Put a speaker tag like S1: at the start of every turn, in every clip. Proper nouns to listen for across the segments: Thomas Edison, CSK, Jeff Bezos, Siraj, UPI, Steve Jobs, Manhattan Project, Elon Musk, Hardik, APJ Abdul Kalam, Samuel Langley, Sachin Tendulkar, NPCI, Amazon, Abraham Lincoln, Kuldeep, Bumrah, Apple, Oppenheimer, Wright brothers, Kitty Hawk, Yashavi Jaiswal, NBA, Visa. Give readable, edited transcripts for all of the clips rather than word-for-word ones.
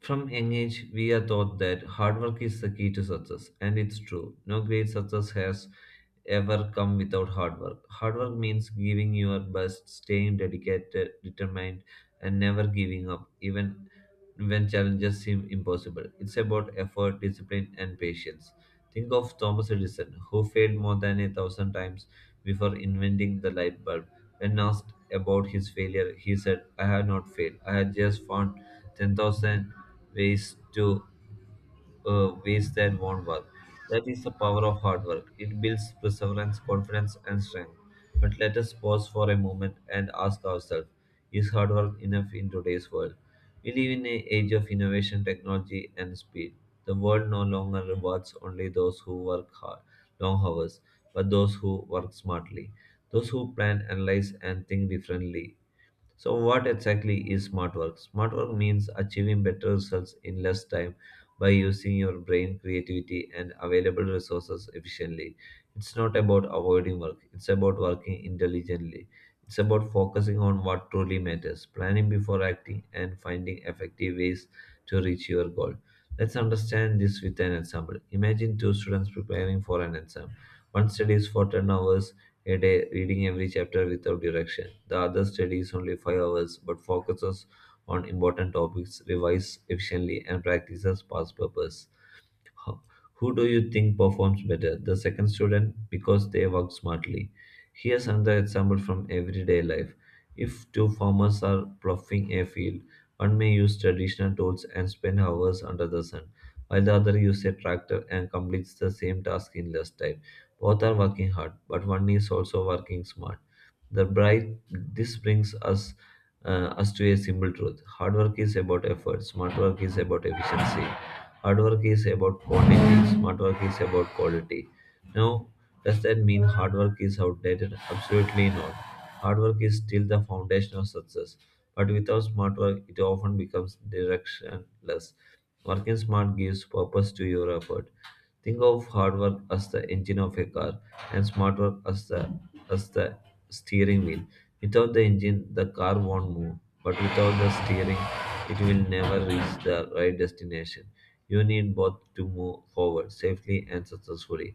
S1: From young age, we are taught that hard work is the key to success, and it's true. No great success has ever come without hard work. Hard work means giving your best, staying dedicated, determined, and never giving up, even when challenges seem impossible. It's about effort, discipline, and patience. Think of Thomas Edison, who failed more than a thousand times before inventing the light bulb. When asked about his failure, he said, I have not failed. I have just found 10,000 ways to ways that won't work. That is the power of hard work. It builds perseverance, confidence, and strength. But let us pause for a moment and ask ourselves: is hard work enough in today's world? We live in an age of innovation, technology, and speed. The world no longer rewards only those who work hard, long hours, but those who work smartly, those who plan, analyze, and think differently. So, what exactly is smart work? Smart work means achieving better results in less time by using your brain, creativity, and available resources efficiently. It's not about avoiding work, it's about working intelligently. It's about focusing on what truly matters, planning before acting, and finding effective ways to reach your goal. Let's understand this with an example. Imagine two students preparing for an exam. One studies for 10 hours a day, reading every chapter without direction. The other studies only 5 hours but focuses on important topics, revises efficiently, and practices past purpose. Ho- Who do you think performs better? The second student, because they work smartly. Here's another example from everyday life. If two farmers are ploughing a field, one may use traditional tools and spend hours under the sun, while the other uses a tractor and completes the same task in less time. Both are working hard, but one is also working smart. The bright this brings us us to a simple truth: hard work is about effort, smart work is about efficiency. Hard work is about quantity, smart work is about quality. Now, does that mean hard work is outdated? Absolutely not. Hard work is still the foundation of success, but without smart work, it often becomes directionless. Working smart gives purpose to your effort. Think of hard work as the engine of a car and smart work as the steering wheel. Without the engine, the car won't move, but without the steering, it will never reach the right destination. You need both to move forward safely and successfully.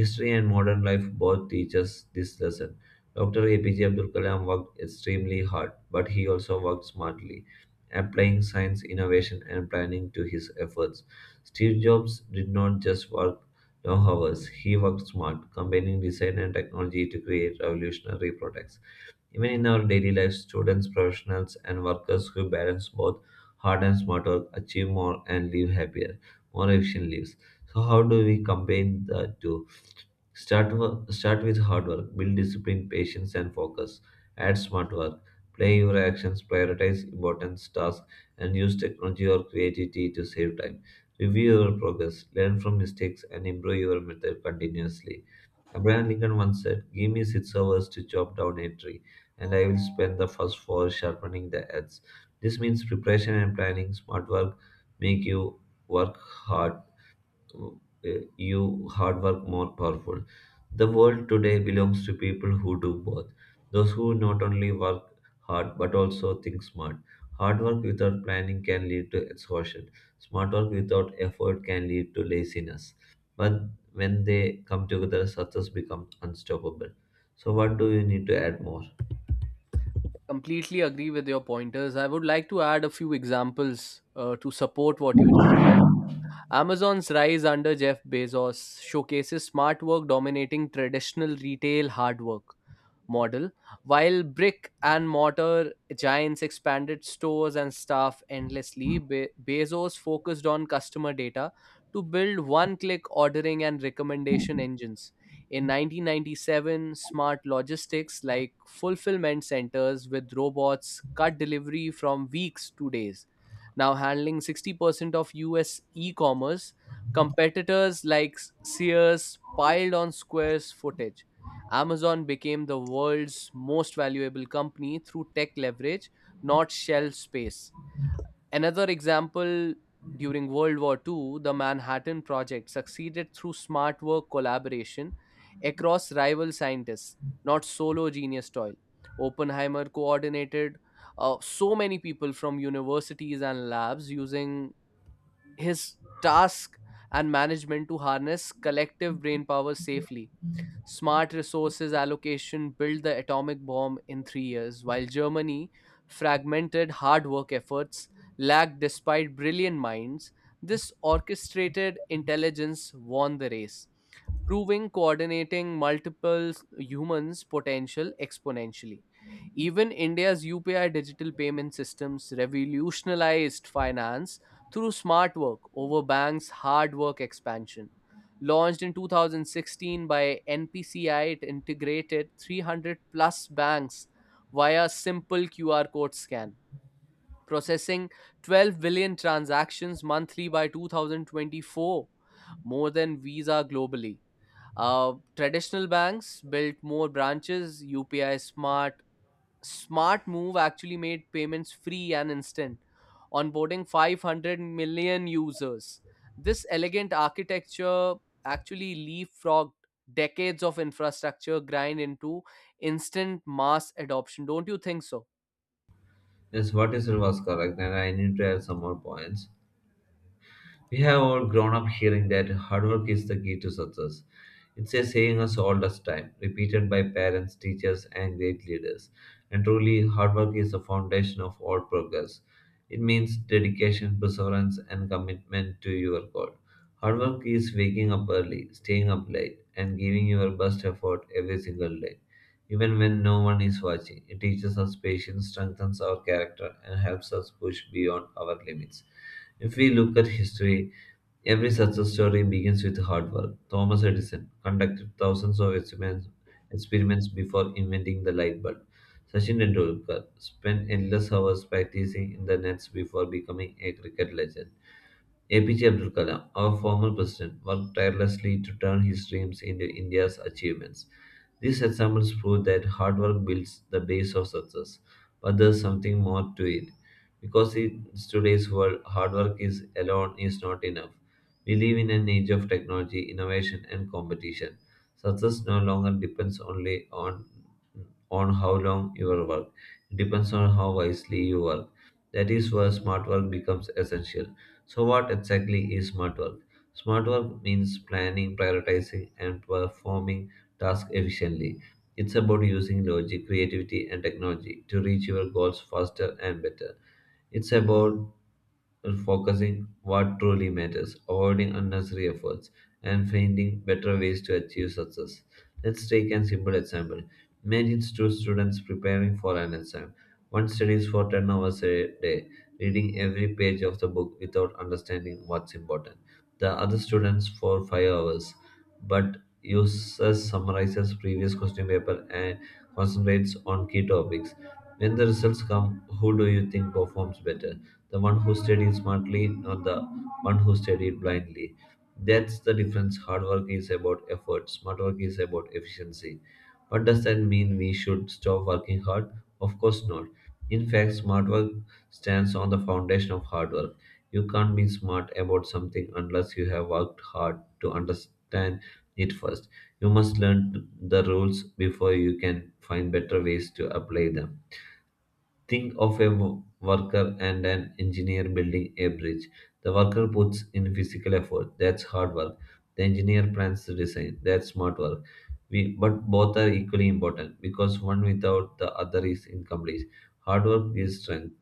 S1: History and modern life both teach us this lesson. Dr. APJ Abdul Kalam worked extremely hard, but he also worked smartly, applying science, innovation, and planning to his efforts. Steve Jobs did not just work long hours, he worked smart, combining design and technology to create revolutionary products. Even in our daily life, students, professionals, and workers who balance both hard and smart work achieve more and live happier, more efficient lives. So, how do we combine the two? Start with hard work, build discipline, patience, and focus. Add smart work, play your actions, prioritize important tasks, and use technology or creativity to save time. Review your progress, learn from mistakes, and improve your method continuously. Abraham Lincoln once said, give me 6 hours to chop down a tree, and I will spend the first four sharpening the axe. This means preparation and planning, smart work, make you work hard uh, you hard work more powerful. The world today belongs to people who do both. Those who not only work hard but also think smart. Hard work without planning can lead to exhaustion. Smart work without effort can lead to laziness. But when they come together, success becomes unstoppable. So what do you need to add more?
S2: Completely agree with your pointers. I would like to add a few examples to support what you just said. Amazon's rise under Jeff Bezos showcases smart work dominating traditional retail hard work model, while brick and mortar giants expanded stores and staff endlessly, Bezos focused on customer data to build one click ordering and recommendation engines. In 1997, smart logistics like fulfillment centers with robots cut delivery from weeks to days. Now handling 60% of US e commerce, competitors like Sears piled on Square's footage. Amazon became the world's most valuable company through tech leverage, not shelf space. Another example, during World War II, the Manhattan Project succeeded through smart work collaboration across rival scientists, not solo genius toil. Oppenheimer coordinated so many people from universities and labs using his task and management to harness collective brain power safely. Smart resources allocation built the atomic bomb in 3 years, while Germany fragmented hard work efforts lagged despite brilliant minds. This orchestrated intelligence won the race, proving coordinating multiple humans' potential exponentially. Even India's UPI digital payment systems revolutionized finance through smart work over banks' hard work expansion. Launched in 2016 by NPCI, it integrated 300 plus banks via simple QR code scan, processing 12 billion transactions monthly by 2024, more than Visa globally. Traditional banks built more branches, smart move actually made payments free and instant, onboarding 500 million users. This elegant architecture actually leapfrogged decades of infrastructure grind into instant mass adoption. Don't you think so?
S1: Yes, what is it was correct, and I need to add some more points. We have all grown up hearing that hard work is the key to success. It's a saying us all the time, repeated by parents, teachers, and great leaders. And truly, hard work is the foundation of all progress. It means dedication, perseverance, and commitment to your goal. Hard work is waking up early, staying up late, and giving your best effort every single day, even when no one is watching. It teaches us patience, strengthens our character, and helps us push beyond our limits. If we look at history, every success story begins with hard work. Thomas Edison conducted thousands of experiments before inventing the light bulb. Sachin Tendulkar spent endless hours practicing in the nets before becoming a cricket legend. APJ Abdul Kalam, our former president, worked tirelessly to turn his dreams into India's achievements. These examples prove that hard work builds the base of success, but there's something more to it. Because in today's world, hard work is alone is not enough. We live in an age of technology, innovation, and competition. Success no longer depends only on how long you work. It depends on how wisely you work. That is where smart work becomes essential. So, what exactly is smart work? Smart work means planning, prioritizing, and performing tasks efficiently. It's about using logic, creativity, and technology to reach your goals faster and better. It's about focusing what truly matters, avoiding unnecessary efforts, and finding better ways to achieve success. Let's take a simple example. Imagine two students preparing for an exam. One studies for 10 hours a day, reading every page of the book without understanding what's important. The other students for 5 hours, but uses summarizes previous question paper and concentrates on key topics. When the results come, who do you think performs better? The one who studied smartly, not the one who studied blindly. That's the difference. Hard work is about effort, smart work is about efficiency. What does that mean we should stop working hard? Of course not. In fact, smart work stands on the foundation of hard work. You can't be smart about something unless you have worked hard to understand it first. You must learn the rules before you can find better ways to apply them. Think of a worker and an engineer building a bridge. The worker puts in physical effort, that's hard work. The engineer plans the design, that's smart work. But both are equally important because one without the other is incomplete. Hard work gives strength.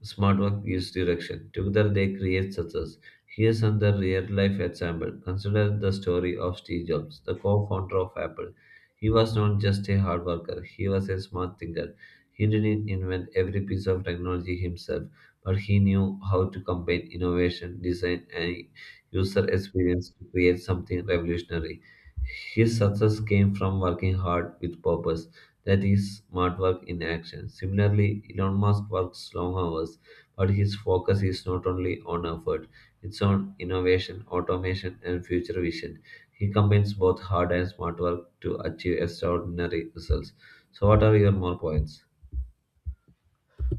S1: Smart work gives direction. Together they create success. Here's another real life example. Consider the story of Steve Jobs, the co founder of Apple. He was not just a hard worker, he was a smart thinker. He didn't invent every piece of technology himself, but he knew how to combine innovation, design, and user experience to create something revolutionary. His success came from working hard with purpose, that is smart work in action. Similarly, Elon Musk works long hours, but his focus is not only on effort, it's on innovation, automation, and future vision. He combines both hard and smart work to achieve extraordinary results. So, what are your more points?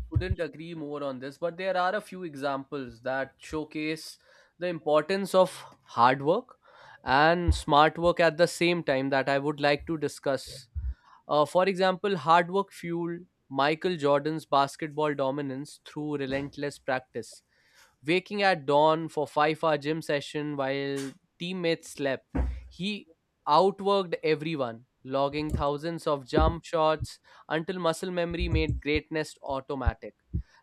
S2: Couldn't agree more on this, but there are a few examples that showcase the importance of hard work and smart work at the same time that I would like to discuss. For example, hard work fueled Michael Jordan's basketball dominance through relentless practice. Waking at dawn for five-hour gym session while teammates slept, he outworked everyone, logging thousands of jump shots until muscle memory made greatness automatic.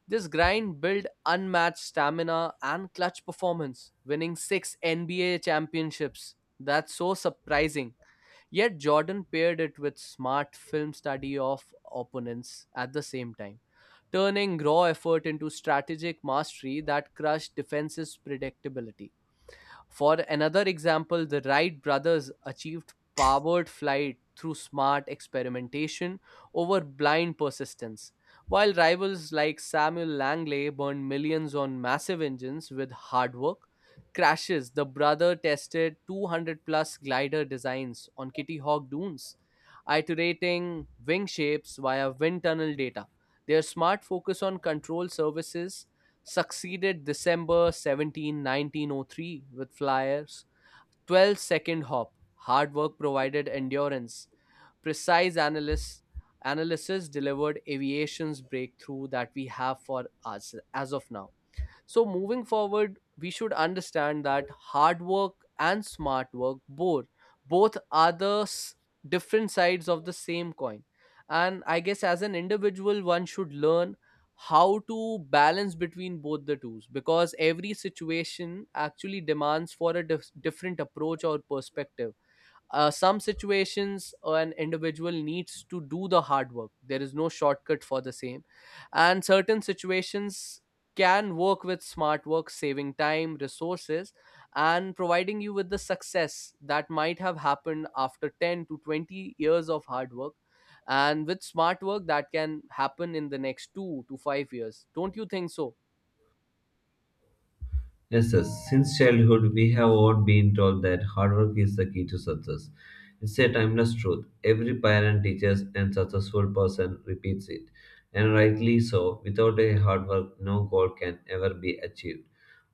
S2: This grind built unmatched stamina and clutch performance, winning six NBA championships. That's so surprising. Yet Jordan paired it with smart film study of opponents at the same time, turning raw effort into strategic mastery that crushed defense's predictability. For another example, the Wright brothers achieved powered flight through smart experimentation over blind persistence, while rivals like Samuel Langley burned millions on massive engines with hard work. Crashes, the brother tested 200 plus glider designs on Kitty Hawk dunes, iterating wing shapes via wind tunnel data. Their smart focus on control services succeeded December 17, 1903 with Flyers' 12 second hop. Hard work provided endurance. Precise analysis, analysis delivered aviation's breakthrough that we have for us as of now. So, moving forward, we should understand that hard work and smart work both are the different sides of the same coin. And I guess as an individual, one should learn how to balance between both the tools, because every situation actually demands for a different approach or perspective. Some situations an individual needs to do the hard work, there is no shortcut for the same, and certain situations can work with smart work, saving time, resources, and providing you with the success that might have happened after 10 to 20 years of hard work and with smart work that can happen in the next 2 to 5 years. Don't you think so?
S1: Yes, sir. Since childhood, we have all been told that hard work is the key to success. It's a timeless truth. Every parent, teachers, and successful person repeats it. And rightly so, without a hard work, no goal can ever be achieved.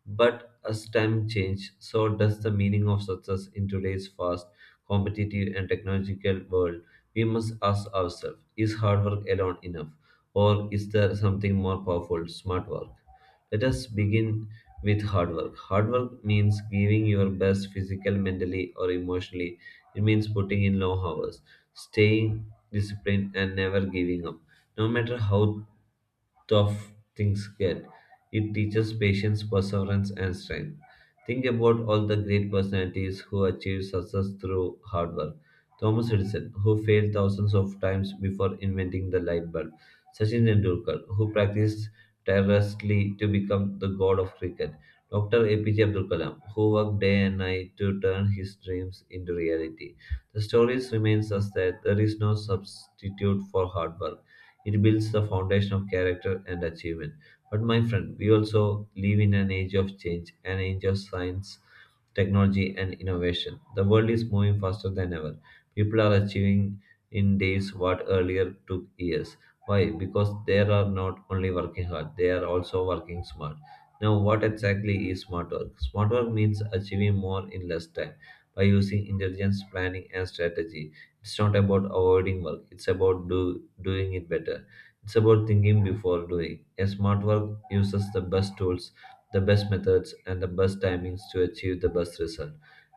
S1: But as time changes, so does the meaning of success in today's fast, competitive, and technological world. We must ask ourselves, is hard work alone enough, or is there something more powerful, smart work? Let us begin with hard work. Hard work means giving your best physically, mentally, or emotionally. It means putting in long hours, staying disciplined, and never giving up, no matter how tough things get. It teaches patience, perseverance, and strength. Think about all the great personalities who achieved success through hard work. Thomas Edison, who failed thousands of times before inventing the light bulb. Sachin Tendulkar, who practiced tirelessly to become the god of cricket. Dr. APJ Abdul Kalam, who worked day and night to turn his dreams into reality. The stories reminds us that there is no substitute for hard work. It builds the foundation of character and achievement. But my friend, we also live in an age of change, an age of science, technology, and innovation. The world is moving faster than ever. People are achieving in days what earlier took years. Why? Because they are not only working hard, they are also working smart. Now, what exactly is smart work? Smart work means achieving more in less time by using intelligence, planning, and strategy. It's not about avoiding work, it's about doing it better. It's about thinking before doing. A smart work uses the best tools, the best methods, and the best timings to achieve the best result.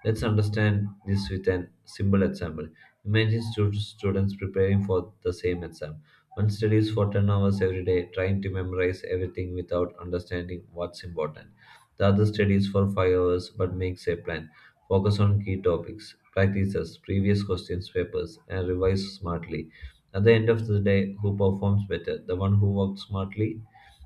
S1: Let's understand this with a simple example. Imagine students preparing for the same exam. One studies for 10 hours every day, trying to memorize everything without understanding what's important. The other studies for 5 hours but makes a plan. Focus on key topics, practices, previous questions, papers, and revise smartly. At the end of the day, who performs better? The one who worked smartly,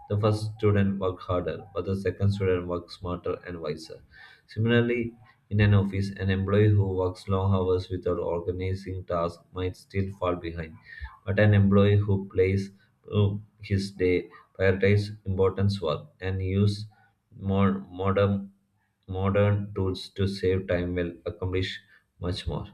S1: the first student worked harder, but the second student worked smarter and wiser. Similarly, in an office, an employee who works long hours without organizing tasks might still fall behind, but an employee who plays uh, his day, prioritizes important work, and uses more modern tools to save time will accomplish much more.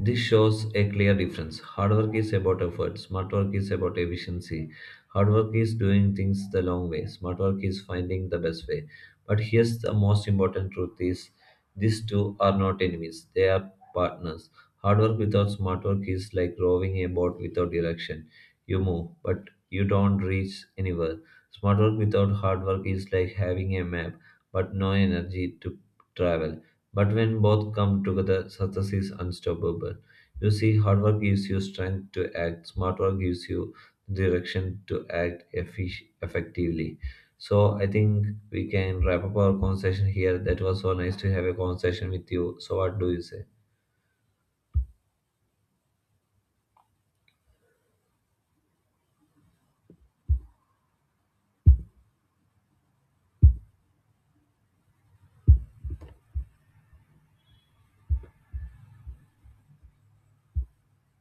S1: This shows a clear difference. Hard work is about effort, smart work is about efficiency. Hard work is doing things the long way, smart work is finding the best way. But here's the most important truth is these two are not enemies, they are partners. Hard work without smart work is like rowing a boat without direction. You move, but you don't reach anywhere. Smart work without hard work is like having a map, but no energy to travel. But when both come together, success is unstoppable. You see, hard work gives you strength to act, smart work gives you direction to act effectively. So I think we can wrap up our conversation here. That was so nice to have a conversation with you. So what do you say?